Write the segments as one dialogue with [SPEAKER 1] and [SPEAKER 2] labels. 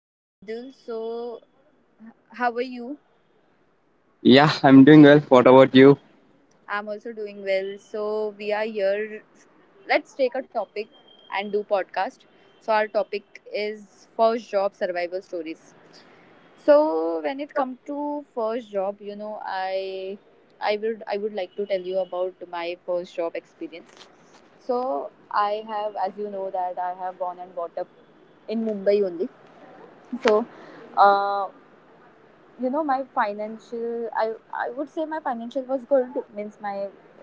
[SPEAKER 1] Hi Abdul, so how are you?
[SPEAKER 2] Yeah, I'm doing well. What about you?
[SPEAKER 1] I'm also doing well. So we are here. Let's take a topic and do podcast. So our topic is first job survival stories. So when it comes to first job, I would like to tell you about my first job experience. So I have, as you know, that I have born and brought up in Mumbai only. So uh, you know my financial I would say my financial was good, means my,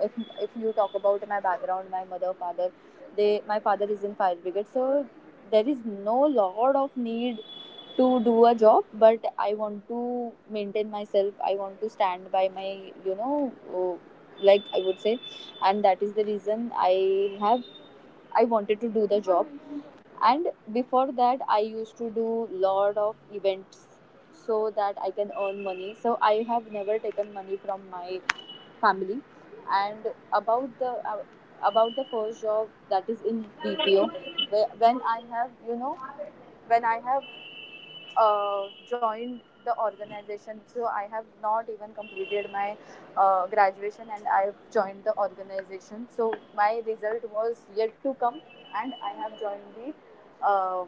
[SPEAKER 1] if if you talk about my background, my mother, father, they, my father is in fire brigade, so there is no lot of need to do a job, but I want to maintain myself. I want to stand by my, you know uh, like, I would say, and that is the reason have I wanted to do the job. And before that, I used to do lot of events so that I can earn money. So I have never taken money from my family. And about the uh, about the first job, that is in bpo, when I have, you know, when I have joined the organization, so I have not even completed my graduation, and I have joined the organization, so my result was yet to come. And I have joined the uh,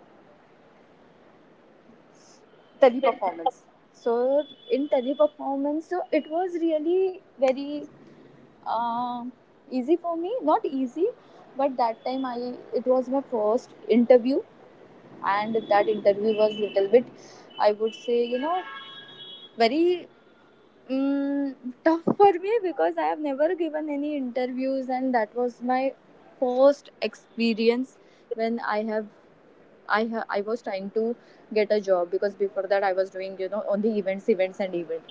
[SPEAKER 1] teleperformance. So in teleperformance, so it was really very, um, easy for me. Not easy, but that time I it was my first interview, and that interview was little bit, I would say, you know, very mm tough for me, because I have never given any interviews, and that was my first experience when I have I ha- I was trying to get a job, because before that I was doing, you know, only events, events, and event.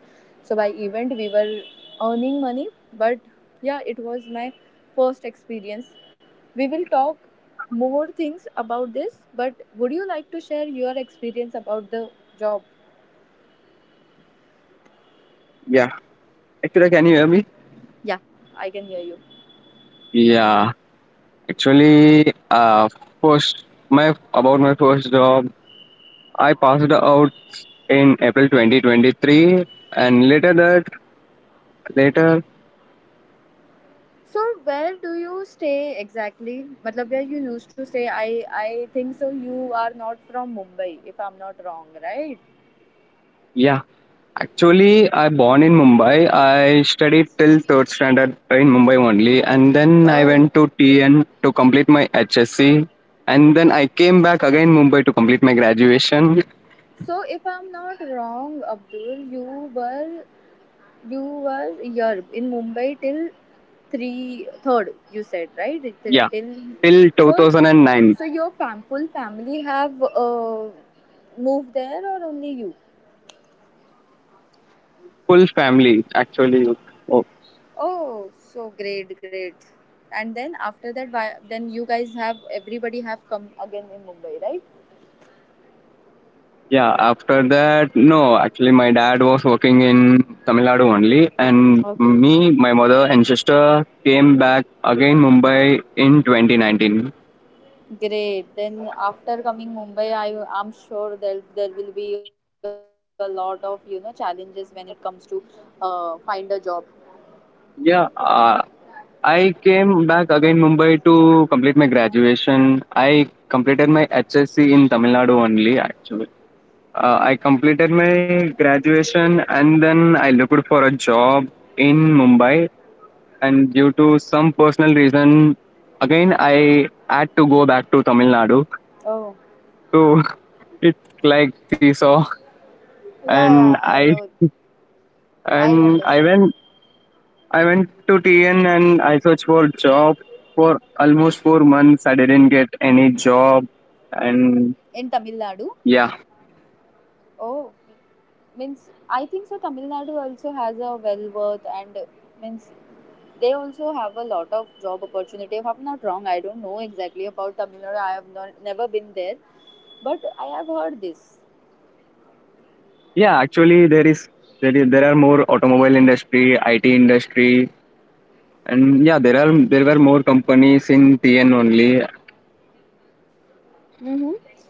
[SPEAKER 1] So by event we were earning money, but yeah, it was my first experience. We will talk more things about this, but would you like to share your experience about the job?
[SPEAKER 2] Yeah. Actually, can you hear me?
[SPEAKER 1] Yeah, I can hear you.
[SPEAKER 2] Yeah. Actually, first, my about my first job, I passed out in April 2023, and later,
[SPEAKER 1] So where do you stay exactly? मतलब where you used to stay? I think so. You are not from Mumbai, if I'm not wrong, right?
[SPEAKER 2] yeah. Actually, I born in Mumbai. I studied till third standard in Mumbai only, and then I
[SPEAKER 1] Oh,
[SPEAKER 2] went to TN to complete my HSC, and then I came back again Mumbai to complete my graduation.
[SPEAKER 1] so if I'm not wrong, Abdul, you were, you were here in Mumbai till three, third. You said, right, till
[SPEAKER 2] Yeah,
[SPEAKER 1] till-
[SPEAKER 2] till
[SPEAKER 1] So,
[SPEAKER 2] 2009.
[SPEAKER 1] so your fam, full family have moved there, or only you?
[SPEAKER 2] Full family, actually. Oh,
[SPEAKER 1] Oh, so great, great. And then after that, then you guys have, everybody have come again in Mumbai, right?
[SPEAKER 2] yeah. After that, no. Actually, my dad was working in Tamil Nadu only, and
[SPEAKER 1] Okay.
[SPEAKER 2] me, my mother, and sister came back again Mumbai in 2019.
[SPEAKER 1] Great. Then after coming Mumbai, I'm sure that there will be a lot of, you know, challenges when it comes to find a job.
[SPEAKER 2] Yeah. I came back again Mumbai to complete my graduation. I completed my HSC in Tamil Nadu only actually. I completed my graduation and then I looked for a job in Mumbai and due to some personal reason, again I had to go back to Tamil Nadu.
[SPEAKER 1] Oh,
[SPEAKER 2] So it's like seesaw,
[SPEAKER 1] yeah,
[SPEAKER 2] and
[SPEAKER 1] yeah.
[SPEAKER 2] I
[SPEAKER 1] I know. I
[SPEAKER 2] and
[SPEAKER 1] understand.
[SPEAKER 2] I went to TN and I searched for job for almost 4 months. I didn't get any job,
[SPEAKER 1] In
[SPEAKER 2] and
[SPEAKER 1] Tamil Nadu.
[SPEAKER 2] yeah,
[SPEAKER 1] Oh, means I think so. Tamil Nadu also has a well worth and means they also have a lot of job opportunity. If I'm not wrong, I don't know exactly about Tamil Nadu. I have not, never been there, but I have heard this.
[SPEAKER 2] yeah. Actually, there are more automobile industry, IT industry, and yeah, there were more companies in TN only.
[SPEAKER 1] Mm-hmm.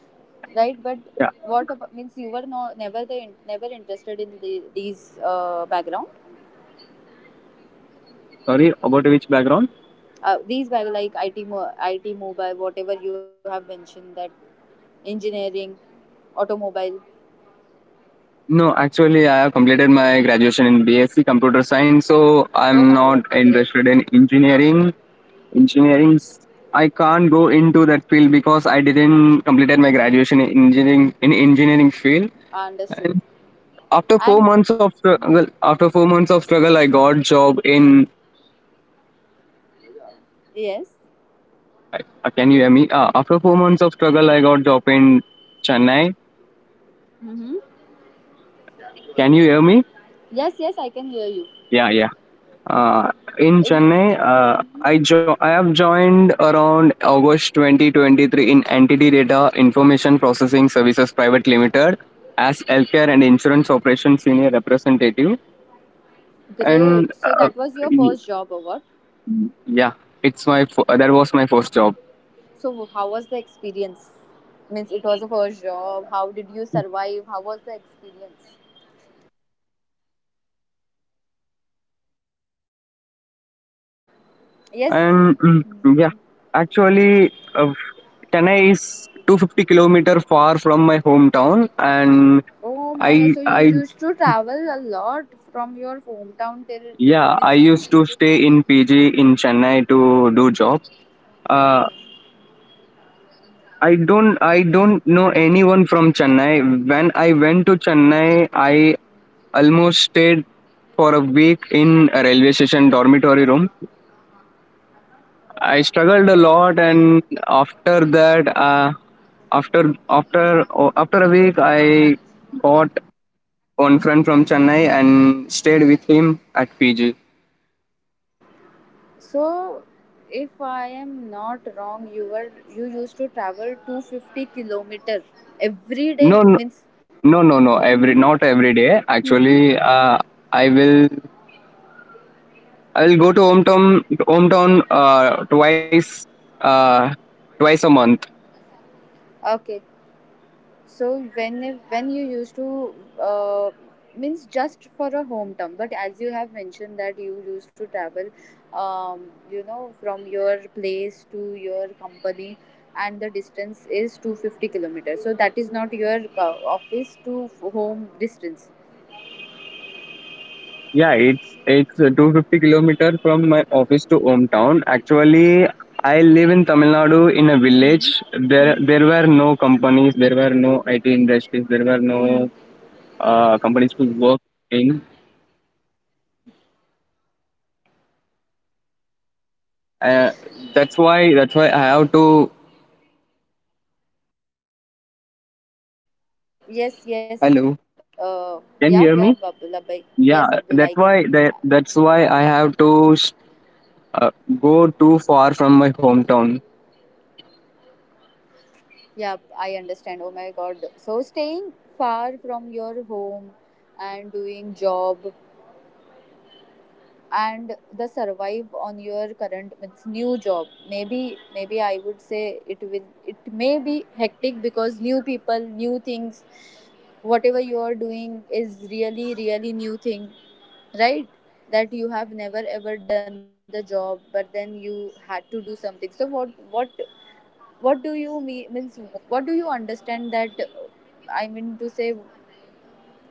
[SPEAKER 1] Right? But
[SPEAKER 2] Yeah.
[SPEAKER 1] what about, means you were no, never the, never interested in the, these background,
[SPEAKER 2] Sorry about which background.
[SPEAKER 1] these back like IT, IT mobile, whatever you have mentioned, that engineering, automobile.
[SPEAKER 2] No, actually, I have completed my graduation in BSc Computer Science, so
[SPEAKER 1] Oh
[SPEAKER 2] I'm
[SPEAKER 1] my God,
[SPEAKER 2] not
[SPEAKER 1] great,
[SPEAKER 2] interested in engineering. Engineering, I can't go into that field because I didn't completed my graduation in engineering field.
[SPEAKER 1] understood.
[SPEAKER 2] And after four
[SPEAKER 1] And
[SPEAKER 2] months of struggle, after 4 months of struggle, I got job in.
[SPEAKER 1] yes,
[SPEAKER 2] Can you hear me? After 4 months of struggle, I got job in Chennai.
[SPEAKER 1] mm-hmm.
[SPEAKER 2] Can you hear me?
[SPEAKER 1] Yes, yes, I can hear you.
[SPEAKER 2] Yeah, yeah. Uh, in
[SPEAKER 1] In,
[SPEAKER 2] Chennai, I have joined around August 2023 in Entity Data Information Processing Services Private Limited as healthcare and insurance operations senior representative. And
[SPEAKER 1] great. So that was your
[SPEAKER 2] y-
[SPEAKER 1] first job, or what?
[SPEAKER 2] yeah, that was my first job.
[SPEAKER 1] So how was the experience? Means it was a first job. How did you survive? How was the experience? Yes,
[SPEAKER 2] And yeah, actually, Chennai is 250-kilometer far from my hometown, and
[SPEAKER 1] oh my god, so you
[SPEAKER 2] I
[SPEAKER 1] used to travel a lot from your hometown till to,
[SPEAKER 2] Yeah,
[SPEAKER 1] means
[SPEAKER 2] I
[SPEAKER 1] to,
[SPEAKER 2] used to stay in PG in Chennai to do job.
[SPEAKER 1] oh
[SPEAKER 2] Uh,
[SPEAKER 1] my,
[SPEAKER 2] I don't know anyone from Chennai. When I went to Chennai, I almost stayed for a week in a railway station dormitory room. I struggled a lot, and after that, after after oh, after a week, I got one friend from Chennai and stayed with him at PG.
[SPEAKER 1] so if I am not wrong, you used to travel 250-kilometer
[SPEAKER 2] No,
[SPEAKER 1] every
[SPEAKER 2] no.
[SPEAKER 1] day, means
[SPEAKER 2] No, no, no. Every
[SPEAKER 1] mm-hmm.
[SPEAKER 2] Not every day.
[SPEAKER 1] Mm-hmm.
[SPEAKER 2] Actually, I will I will go to hometown uh, twice a month.
[SPEAKER 1] Okay. So when you used to uh, means just for a home term, but as you have mentioned that you used to travel, you know, from your place to your company, and the distance is 250 kilometers. So that is not your office to home distance.
[SPEAKER 2] Yeah, it's 250-kilometer from my office to hometown. Actually, I live in Tamil Nadu in a village. There were no companies. There were no IT industries. There were no
[SPEAKER 1] Hmm.
[SPEAKER 2] companies to work in. Uh, that's why I have to.
[SPEAKER 1] Yes, yes.
[SPEAKER 2] Hello,
[SPEAKER 1] Yeah. Yeah.
[SPEAKER 2] can you hear
[SPEAKER 1] Abdullah bhai.
[SPEAKER 2] me?
[SPEAKER 1] Yes, Abdullah. I
[SPEAKER 2] Yeah,
[SPEAKER 1] can.
[SPEAKER 2] that's why I have to uh, go too far from my hometown.
[SPEAKER 1] Yeah, I understand. Oh my god. So staying far from your home and doing job and the survive on your current, means new job. Maybe I would say it will, it may be hectic, because new people, new things, whatever you are doing is really, really new thing. Right? That you have never ever done the job, but then you had to do something. So what do you mean, means what do you understand that I mean to say,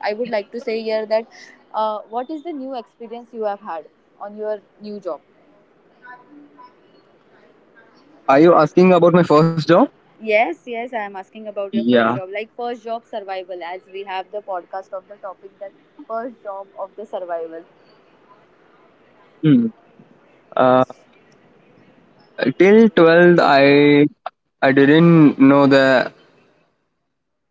[SPEAKER 1] I would like to say here that what is the new experience you have had on your new job?
[SPEAKER 2] Are you asking about my first job?
[SPEAKER 1] Yes, yes, I am asking about your
[SPEAKER 2] Yeah.
[SPEAKER 1] first job, like first job survival, as we have the podcast of the topic, that first job of the survival.
[SPEAKER 2] Hmm. uh, Till 12th, I didn't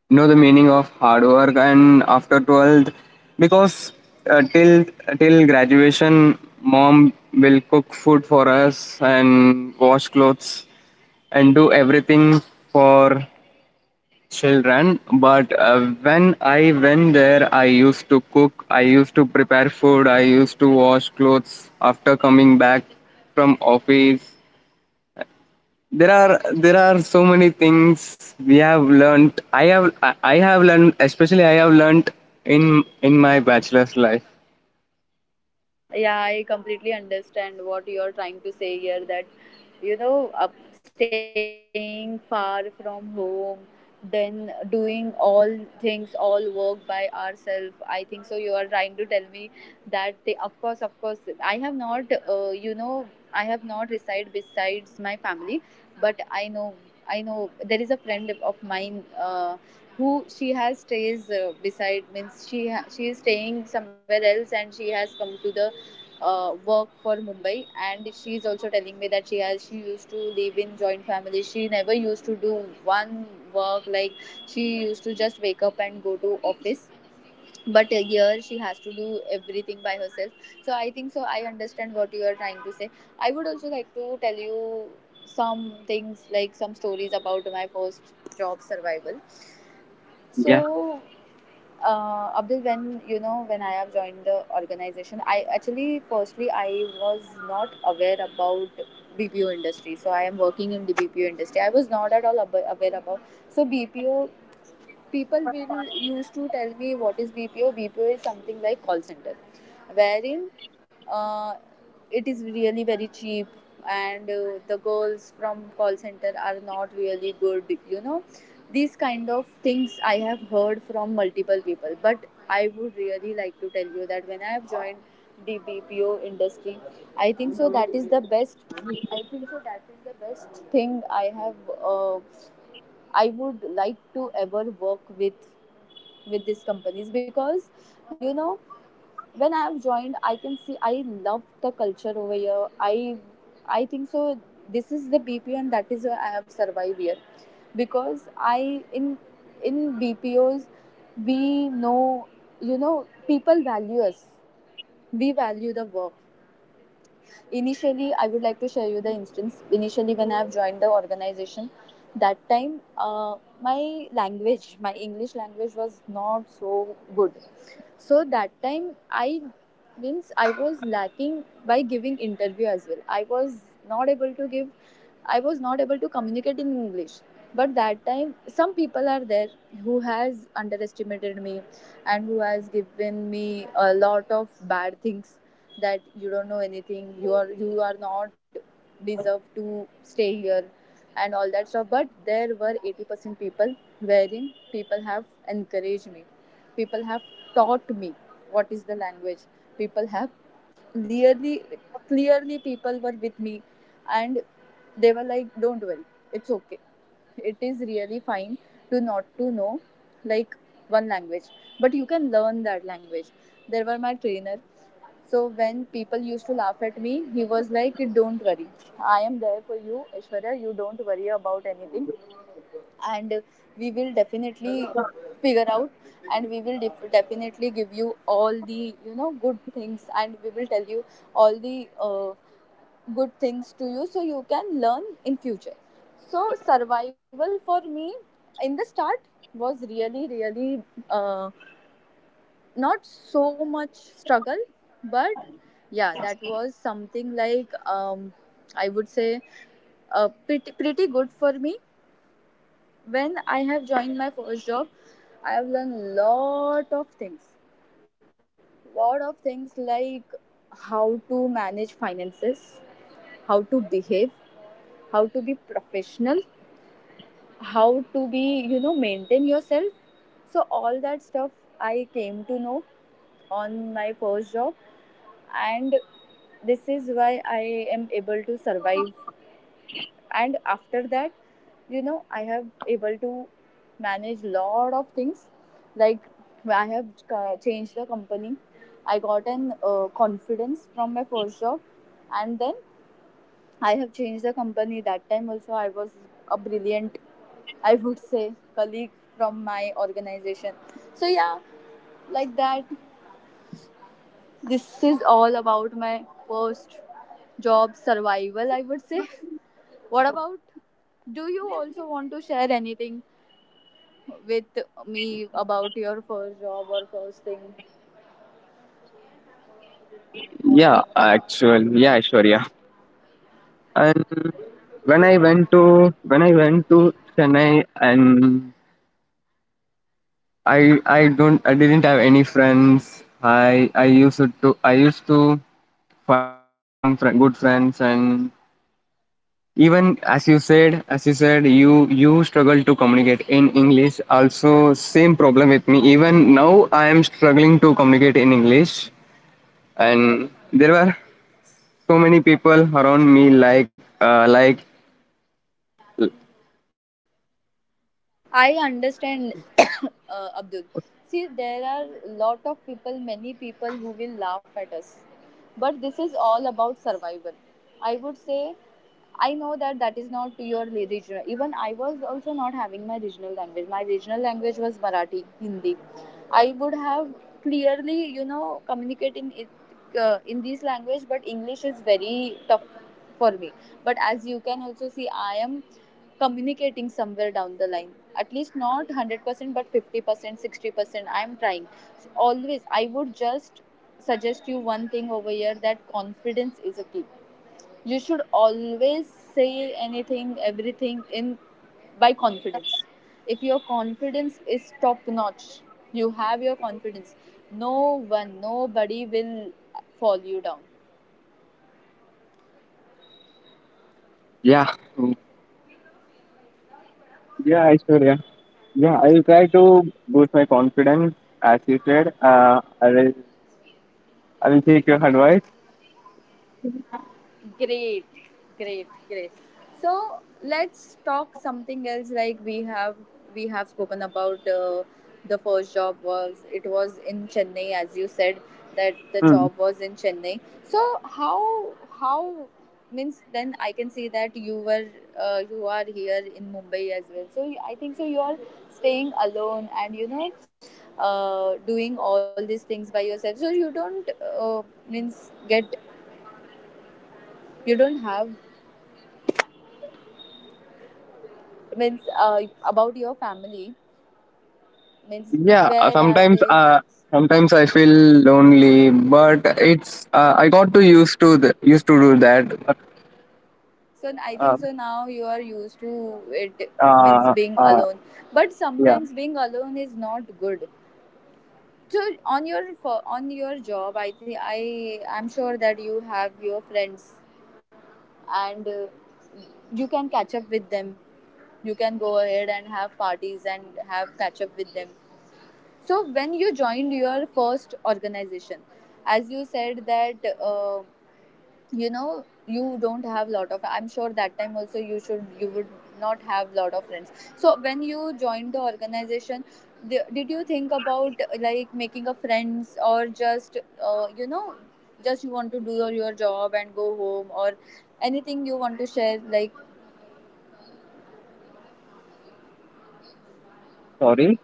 [SPEAKER 2] know the meaning of hard work, and after 12th, because uh, till till graduation, mom will cook food for us and wash clothes and do everything for children. But when I went there, I used to cook, I used to prepare food, I used to wash clothes after coming back from office. There are so many things we have learned. I have learned, in my bachelor's life.
[SPEAKER 1] Yeah, I completely understand what you're trying to say here, that you know, up, staying far from home, then doing all things, all work by ourselves. I think so you are trying to tell me that they, of course I have not, uh, you know I have not reside besides my family, but I know, I know there is a friend of mine who she has stays beside, means she is staying somewhere else, and she has come to the work for Mumbai, and she is also telling me that she has, she used to live in joint family. She never used to do one work, like she used to just wake up and go to office. But here she has to do everything by herself. So I think so. I understand what you are trying to say. I would also like to tell you some things like some stories about my first job survival.
[SPEAKER 2] Yeah.
[SPEAKER 1] So Abdul, when you know, when I have joined the organization, I actually firstly I was not aware about BPO industry. So I am working in the BPO industry. I was not at all aware about so BPO. People will used to tell me what is BPO. BPO is something like call center, wherein uh, it is really very cheap, and the girls from call center are not really good. You know, these kind of things I have heard from multiple people. But I would really like to tell you that when I have joined the BPO industry, I think so that is the best. I think so that is the best thing I have. Uh, I would like to ever work with these companies, because you know, when I have joined, I can see I love the culture over here. I think so, this is the BPO, and that is why I have survived here, because I, in BPOs we know, you know, people value us. We value the work. Initially, I would like to share you the instance. Initially, when I have joined the organization, that time my language my English language was not so good. So that time I, means I was lacking. By giving interview as well, I was not able to give, I was not able to communicate in English. But that time some people are there who has underestimated me, and who has given me a lot of bad things, that you don't know anything, you are not deserve to stay here, and all that stuff. But there were 80% people wherein people have encouraged me, people have taught me what is the language. People have clearly, clearly people were with me, and they were like, don't worry, it's okay. It is really fine to not to know, like, one language, but you can learn that language. There were my trainer, so when people used to laugh at me, he was like, "Don't worry, I am there for you, Ishwarya. You don't worry about anything, and we will definitely figure out, and definitely give you all the good things, and we will tell you all the uh, good things to you, so you can learn in future." So survival for me in the start was really really uh, not so much struggle, but yeah, that was something like I would say pretty, pretty good for me. When I have joined my first job, I have learned lot of things, lot of things like how to manage finances, how to behave, how to be professional, how to be, you know, maintain yourself. So all that stuff I came to know on my first job, and this is why I am able to survive. And after that, you know, I have able to manage lot of things, like I have changed the company. I got an confidence from my first job, and then I have changed the company. That time also I was a brilliant, I would say, colleague from my organization. So yeah, like that. This is all about my first job survival, I would say. What about, do you also want to share anything with me about your first job or first thing?
[SPEAKER 2] Yeah, actually, yeah, sure, yeah. And when i went to when I went to Chennai, and I didn't have any friends. I used to good friends. And even as you said, you struggle to communicate in English. Also same problem with me. Even now I am struggling to communicate in English, and there were so many people around me like.
[SPEAKER 1] I understand, Abdul. See, there are lot of people, many people who will laugh at us, but this is all about survival. I would say, I know that that is not your regional. Even I was also not having my regional language. My regional language was Marathi, Hindi. I would have clearly, you know, communicated in it in this language, but English is very tough for me. But as you can also see, I am communicating somewhere down the line. At least not 100%, but 50%, 60%. I am trying. So always, I would just suggest you one thing over here that confidence is a key. You should always say anything, everything in by confidence. If your confidence is top notch, you have your confidence, no one, nobody will fall you down.
[SPEAKER 2] Yeah, yeah, I sure, yeah, yeah. I will try to boost my confidence. As you said, I will take your advice.
[SPEAKER 1] Great, great, great. So let's talk something else. Like we have spoken about the first job, was it was in Chennai, as you said that the
[SPEAKER 2] Hmm.
[SPEAKER 1] job was in Chennai. So how means then I can see that you were you are here in Mumbai as well. So I think so you are staying alone and, you know, doing all these things by yourself. So you don't, uh, means get, you don't have, means about your family, means
[SPEAKER 2] Yeah,
[SPEAKER 1] where are they?
[SPEAKER 2] sometimes I feel lonely, but it's I got to used to used to do that. But,
[SPEAKER 1] So I
[SPEAKER 2] uh,
[SPEAKER 1] think so now you are used to it, means
[SPEAKER 2] uh,
[SPEAKER 1] being
[SPEAKER 2] uh,
[SPEAKER 1] alone, but
[SPEAKER 2] yeah,
[SPEAKER 1] sometimes being alone is not good. So on your job, I think I'm sure that you have your friends, and you can catch up with them, you can go ahead and have parties and have catch up with them. So when you joined your first organization, as you said that you know, you don't have lot of, I'm sure that time also you should you would not have lot of friends. So when you joined the organization, the, did you think about like making a friends, or just you know, just you want to do your job and go home, or anything you want to share like.
[SPEAKER 2] sorry.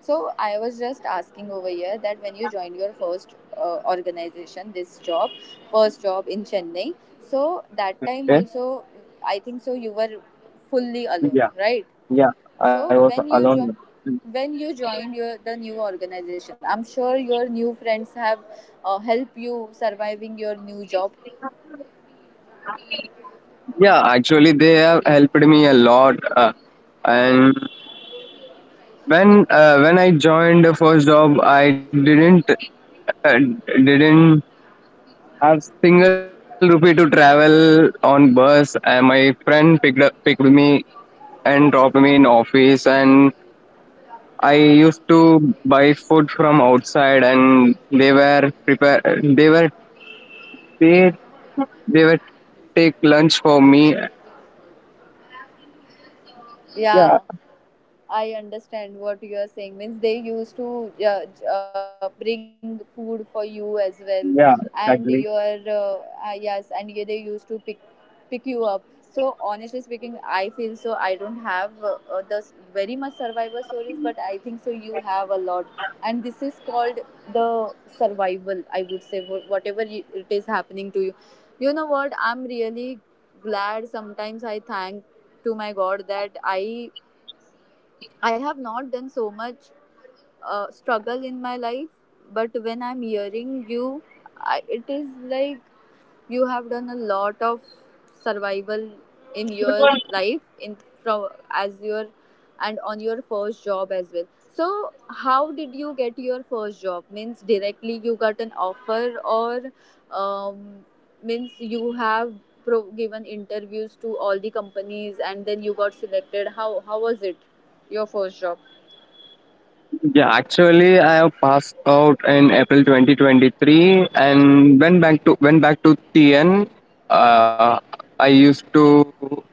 [SPEAKER 1] So I was just asking over here that when you joined your first organization, this job, first job in Chennai, so that time
[SPEAKER 2] Okay.
[SPEAKER 1] also, I think so you were fully alone,
[SPEAKER 2] Yeah,
[SPEAKER 1] right?
[SPEAKER 2] yeah, I was
[SPEAKER 1] So
[SPEAKER 2] alone.
[SPEAKER 1] when you joined your the new organization, I'm sure your new friends have helped you surviving your new job.
[SPEAKER 2] Yeah, actually, they have helped me a lot. And when I joined the first job, I didn't uh, didn't I've single rupee to travel on bus, and my friend picked me and dropped me in office. And I used to buy food from outside, and they were prepare. They they were take lunch for me. Yeah,
[SPEAKER 1] Yeah. I understand what you are saying. Means they used to bring food for you as well, and
[SPEAKER 2] yeah,
[SPEAKER 1] your
[SPEAKER 2] exactly.
[SPEAKER 1] yes, and yeah, they used to pick you up. So honestly speaking, I feel so. I don't have very much survivor stories, but I think so. You have a lot, and this is called the survival. I would say whatever it is happening to you. You know what? I'm really glad. Sometimes I thank to my God that I have not done so much struggle in my life, but when I'm hearing you, I, it is like you have done a lot of survival in your life in from as your and on your first job as well. So, how did you get your first job? Means directly you got an offer, or um, means you have given interviews to all the companies and then you got selected. How was it? Your first job?
[SPEAKER 2] Yeah, actually, I have passed out in April 2023 and went back to TN. Uh, I used to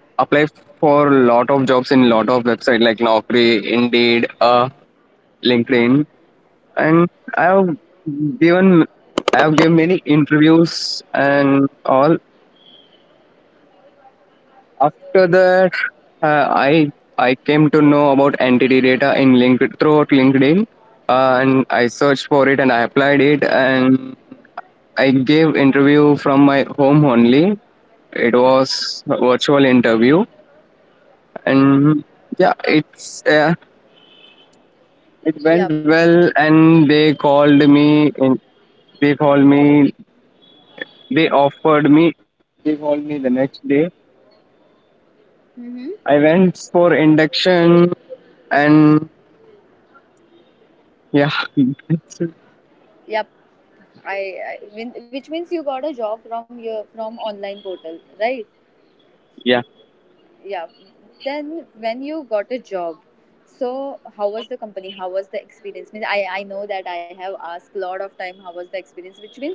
[SPEAKER 2] apply for a lot of jobs in lot of website like Naukri, Indeed, LinkedIn, and I have given I have given many interviews and all. After that, uh, I I came to know about entity data in linked throughout LinkedIn, and I searched for it and I applied it, and I gave interview from my home only. It was a virtual interview, and yeah, it went
[SPEAKER 1] Yep.
[SPEAKER 2] well, and they called me in. They called me. They offered me. They called me the next day.
[SPEAKER 1] Mm-hmm.
[SPEAKER 2] I went for induction, and yeah.
[SPEAKER 1] Yep. I, I mean, which means you got a job from your from online portal, right?
[SPEAKER 2] Yeah,
[SPEAKER 1] Yeah, then when you got a job, so how was the company, how was the experience, means I know that I have asked a lot of time how was the experience, which means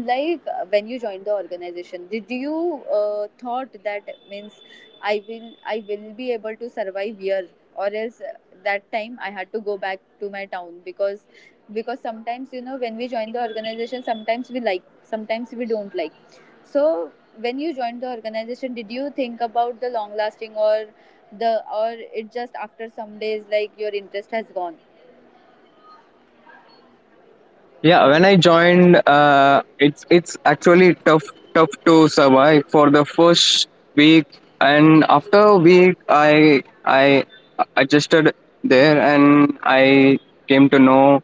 [SPEAKER 1] like when you joined the organization, did you thought that means I will be able to survive here, or else that time I had to go back to my town because sometimes, you know, when we join the organization, sometimes we like, sometimes we don't like. So, when you joined the organization, did you think about the long lasting or the, or it just after some days like your interest has gone?
[SPEAKER 2] yeah. When I joined, it's actually tough to survive for the first week, and after a week, I adjusted there, and I came to know,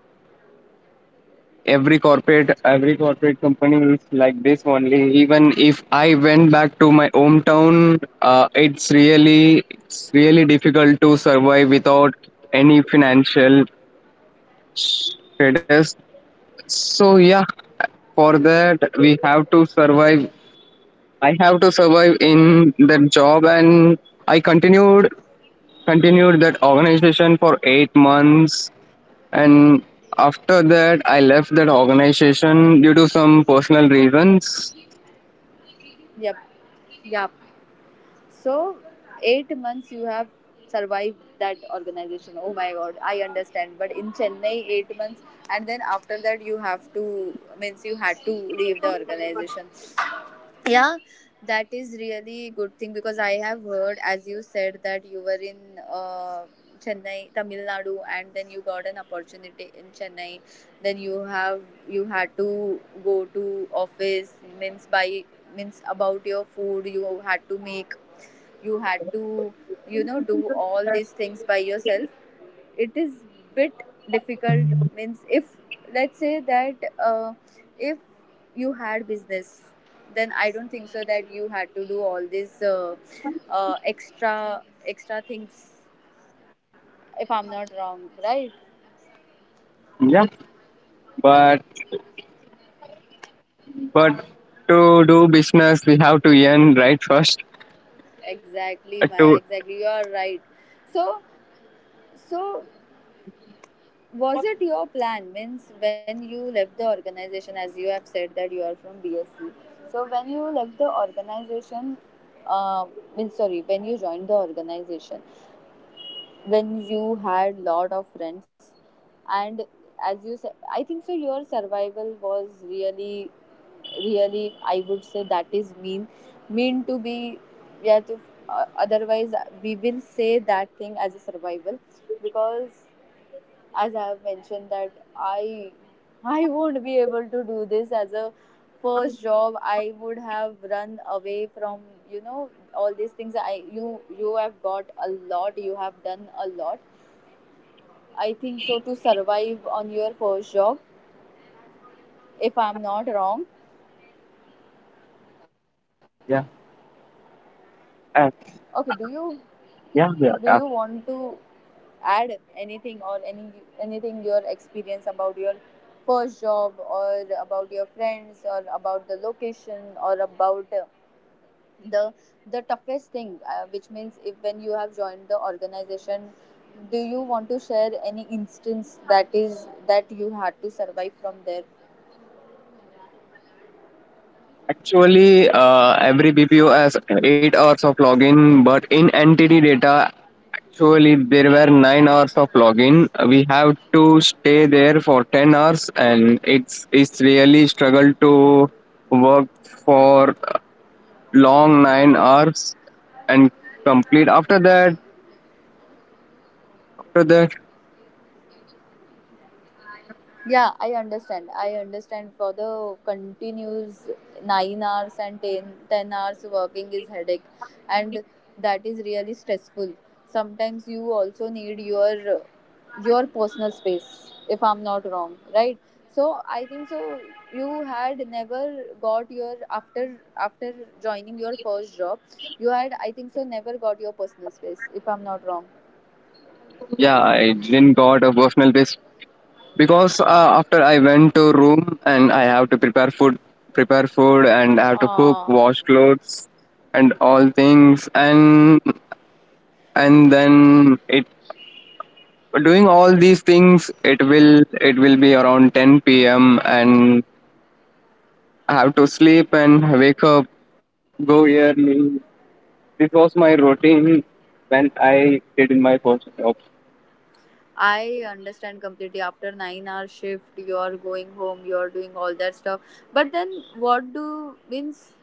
[SPEAKER 2] every corporate company is like this only. Even if I went back to my hometown, it's really difficult to survive without any financial status. So yeah, for that we have to survive. I have to survive in that job, and I continued that organization for 8 months, and after that I left that organization due to some personal reasons.
[SPEAKER 1] Yep, yep. So, 8 months you have survived that organization. Oh my God, I understand. But in Chennai, 8 months, and then after that you have to, means you had to leave the organization. Yeah, that is really good thing because I have heard as you said that you were in uh, Chennai, Tamil Nadu, and then you got an opportunity in Chennai. Then you have, you had to go to office, means by, means about your food, you had to make, you had to, you know, do all these things by yourself. It is bit difficult, means if, let's say that uh, if you had business, then I don't think so that you had to do all these extra extra things, if I'm not wrong, right?
[SPEAKER 2] Yeah, but but to do business we have to earn right first.
[SPEAKER 1] Exactly, my
[SPEAKER 2] To
[SPEAKER 1] exactly, you are right. So, so, was it your plan, means when you left the organization, as you have said that you are from BSc, so when you left the organization, uh, means sorry, when you joined the organization, when you had lot of friends, and as you said, I think so your survival was really, really, I would say that is mean to be, yeah, to, otherwise we will say that thing as a survival, because as I have mentioned that I won't be able to do this as a first job. I would have run away from, you know, all these things. I, you have got a lot. You have done a lot. I think so to survive on your first job. If I'm not wrong,
[SPEAKER 2] Yeah,
[SPEAKER 1] okay.
[SPEAKER 2] uh,
[SPEAKER 1] Do you, do you want
[SPEAKER 2] yeah.
[SPEAKER 1] to add anything or any anything your experience about your first job, or about your friends, or about the location, or about the the toughest thing which means if when you have joined the organization, do you want to share any instance that is that you had to survive from there?
[SPEAKER 2] Actually, every BPO has 8 hours of login, but in NTD data, actually there were 9 hours of login. We have to stay there for 10 hours, and it's really struggle to work for long 9 hours and complete. After that,
[SPEAKER 1] Yeah, I understand. I understand for the continuous 9 hours and ten hours working is headache, and that is really stressful. Sometimes you also need your personal space, if I'm not wrong, right? So I think so you had never got your, after, after joining your first job, you had, I think so, never got your personal space, if I'm not wrong.
[SPEAKER 2] yeah, I didn't got a personal best because after I went to room and I have to prepare food, and I have to cook,
[SPEAKER 1] Uh,
[SPEAKER 2] wash clothes, and all things, and then it doing all these things, it will be around 10 p.m. and I have to sleep and wake up, go early. This was my routine when I did in my first job.
[SPEAKER 1] I understand completely. After 9 hour shift, you're going home, you're doing all that stuff. But then, what do means?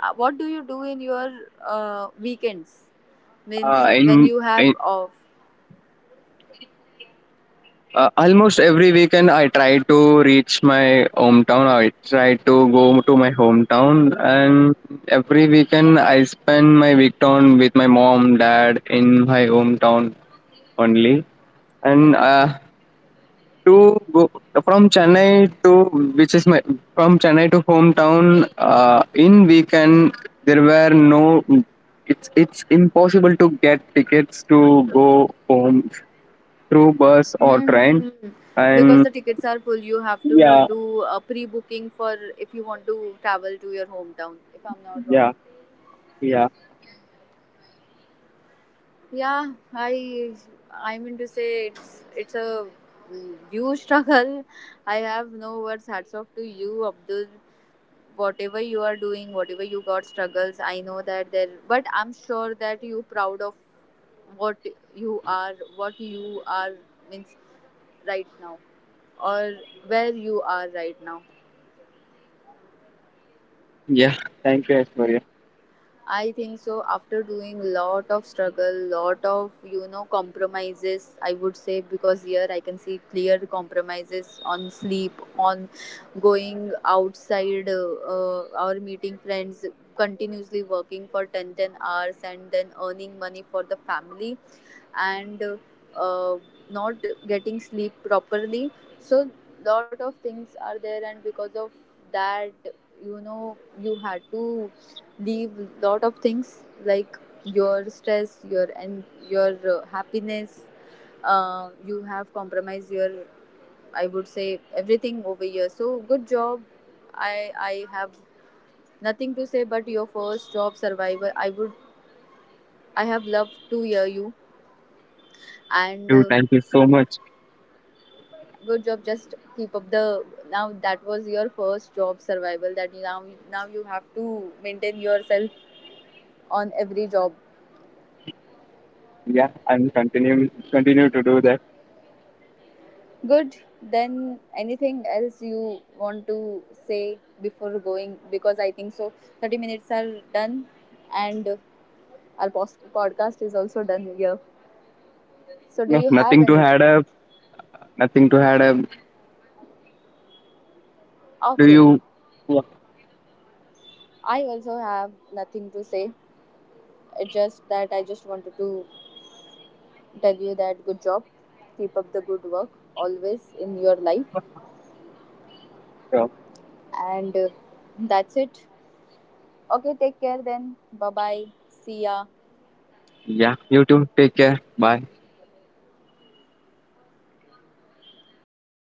[SPEAKER 1] What do you do in your weekends? Means
[SPEAKER 2] Uh,
[SPEAKER 1] when
[SPEAKER 2] in,
[SPEAKER 1] you have
[SPEAKER 2] in
[SPEAKER 1] off.
[SPEAKER 2] Almost every weekend, I try to reach my hometown. I try to go to my hometown, and every weekend I spend my weekend with my mom, dad in my hometown only. And to go from Chennai to which is my from Chennai to hometown in weekend, there were no. It's impossible to get tickets to go home through bus or train,
[SPEAKER 1] Mm-hmm. Because
[SPEAKER 2] and
[SPEAKER 1] the tickets are full, you have to
[SPEAKER 2] yeah.
[SPEAKER 1] do a pre-booking for if you want to travel to your hometown. If I'm not wrong.
[SPEAKER 2] Yeah, yeah.
[SPEAKER 1] Yeah, I mean to say it's a huge struggle. I have no words. Hats off to you, Abdul. Whatever you are doing, whatever you got struggles, I know that there. But I'm sure that you proud of what you are, what you are, means right now, or where you are right now.
[SPEAKER 2] Yeah, thank you, Aishwarya.
[SPEAKER 1] I think so. After doing lot of struggle, lot of, you know, compromises, I would say because here I can see clear compromises on sleep, on going outside, or meeting friends, continuously working for ten hours, and then earning money for the family, and uh, not getting sleep properly. So lot of things are there, and because of that, you know, you had to leave lot of things like your stress, your, and your happiness, you have compromised your, I would say, everything over here. So good job. I have nothing to say, but your first job survivor, I have loved to hear you, and
[SPEAKER 2] Dude, thank you so much.
[SPEAKER 1] good job, just keep up the, now that was your first job survival, that now, now you have to maintain yourself on every job.
[SPEAKER 2] Yeah, I'm continuing continue to do that.
[SPEAKER 1] Good. Then anything else you want to say before going, because I think so 30 minutes are done, and our podcast is also done here, so do
[SPEAKER 2] No,
[SPEAKER 1] you have
[SPEAKER 2] nothing to
[SPEAKER 1] anything?
[SPEAKER 2] add up. Nothing to add up. Do
[SPEAKER 1] Okay,
[SPEAKER 2] you? Yeah,
[SPEAKER 1] I also have nothing to say. It's just that I just wanted to tell you that good job, keep up the good work always in your life,
[SPEAKER 2] sure.
[SPEAKER 1] and that's it. Okay, take care then. Bye bye. See ya.
[SPEAKER 2] Yeah, you too. Take care. Bye.
[SPEAKER 1] बंद कर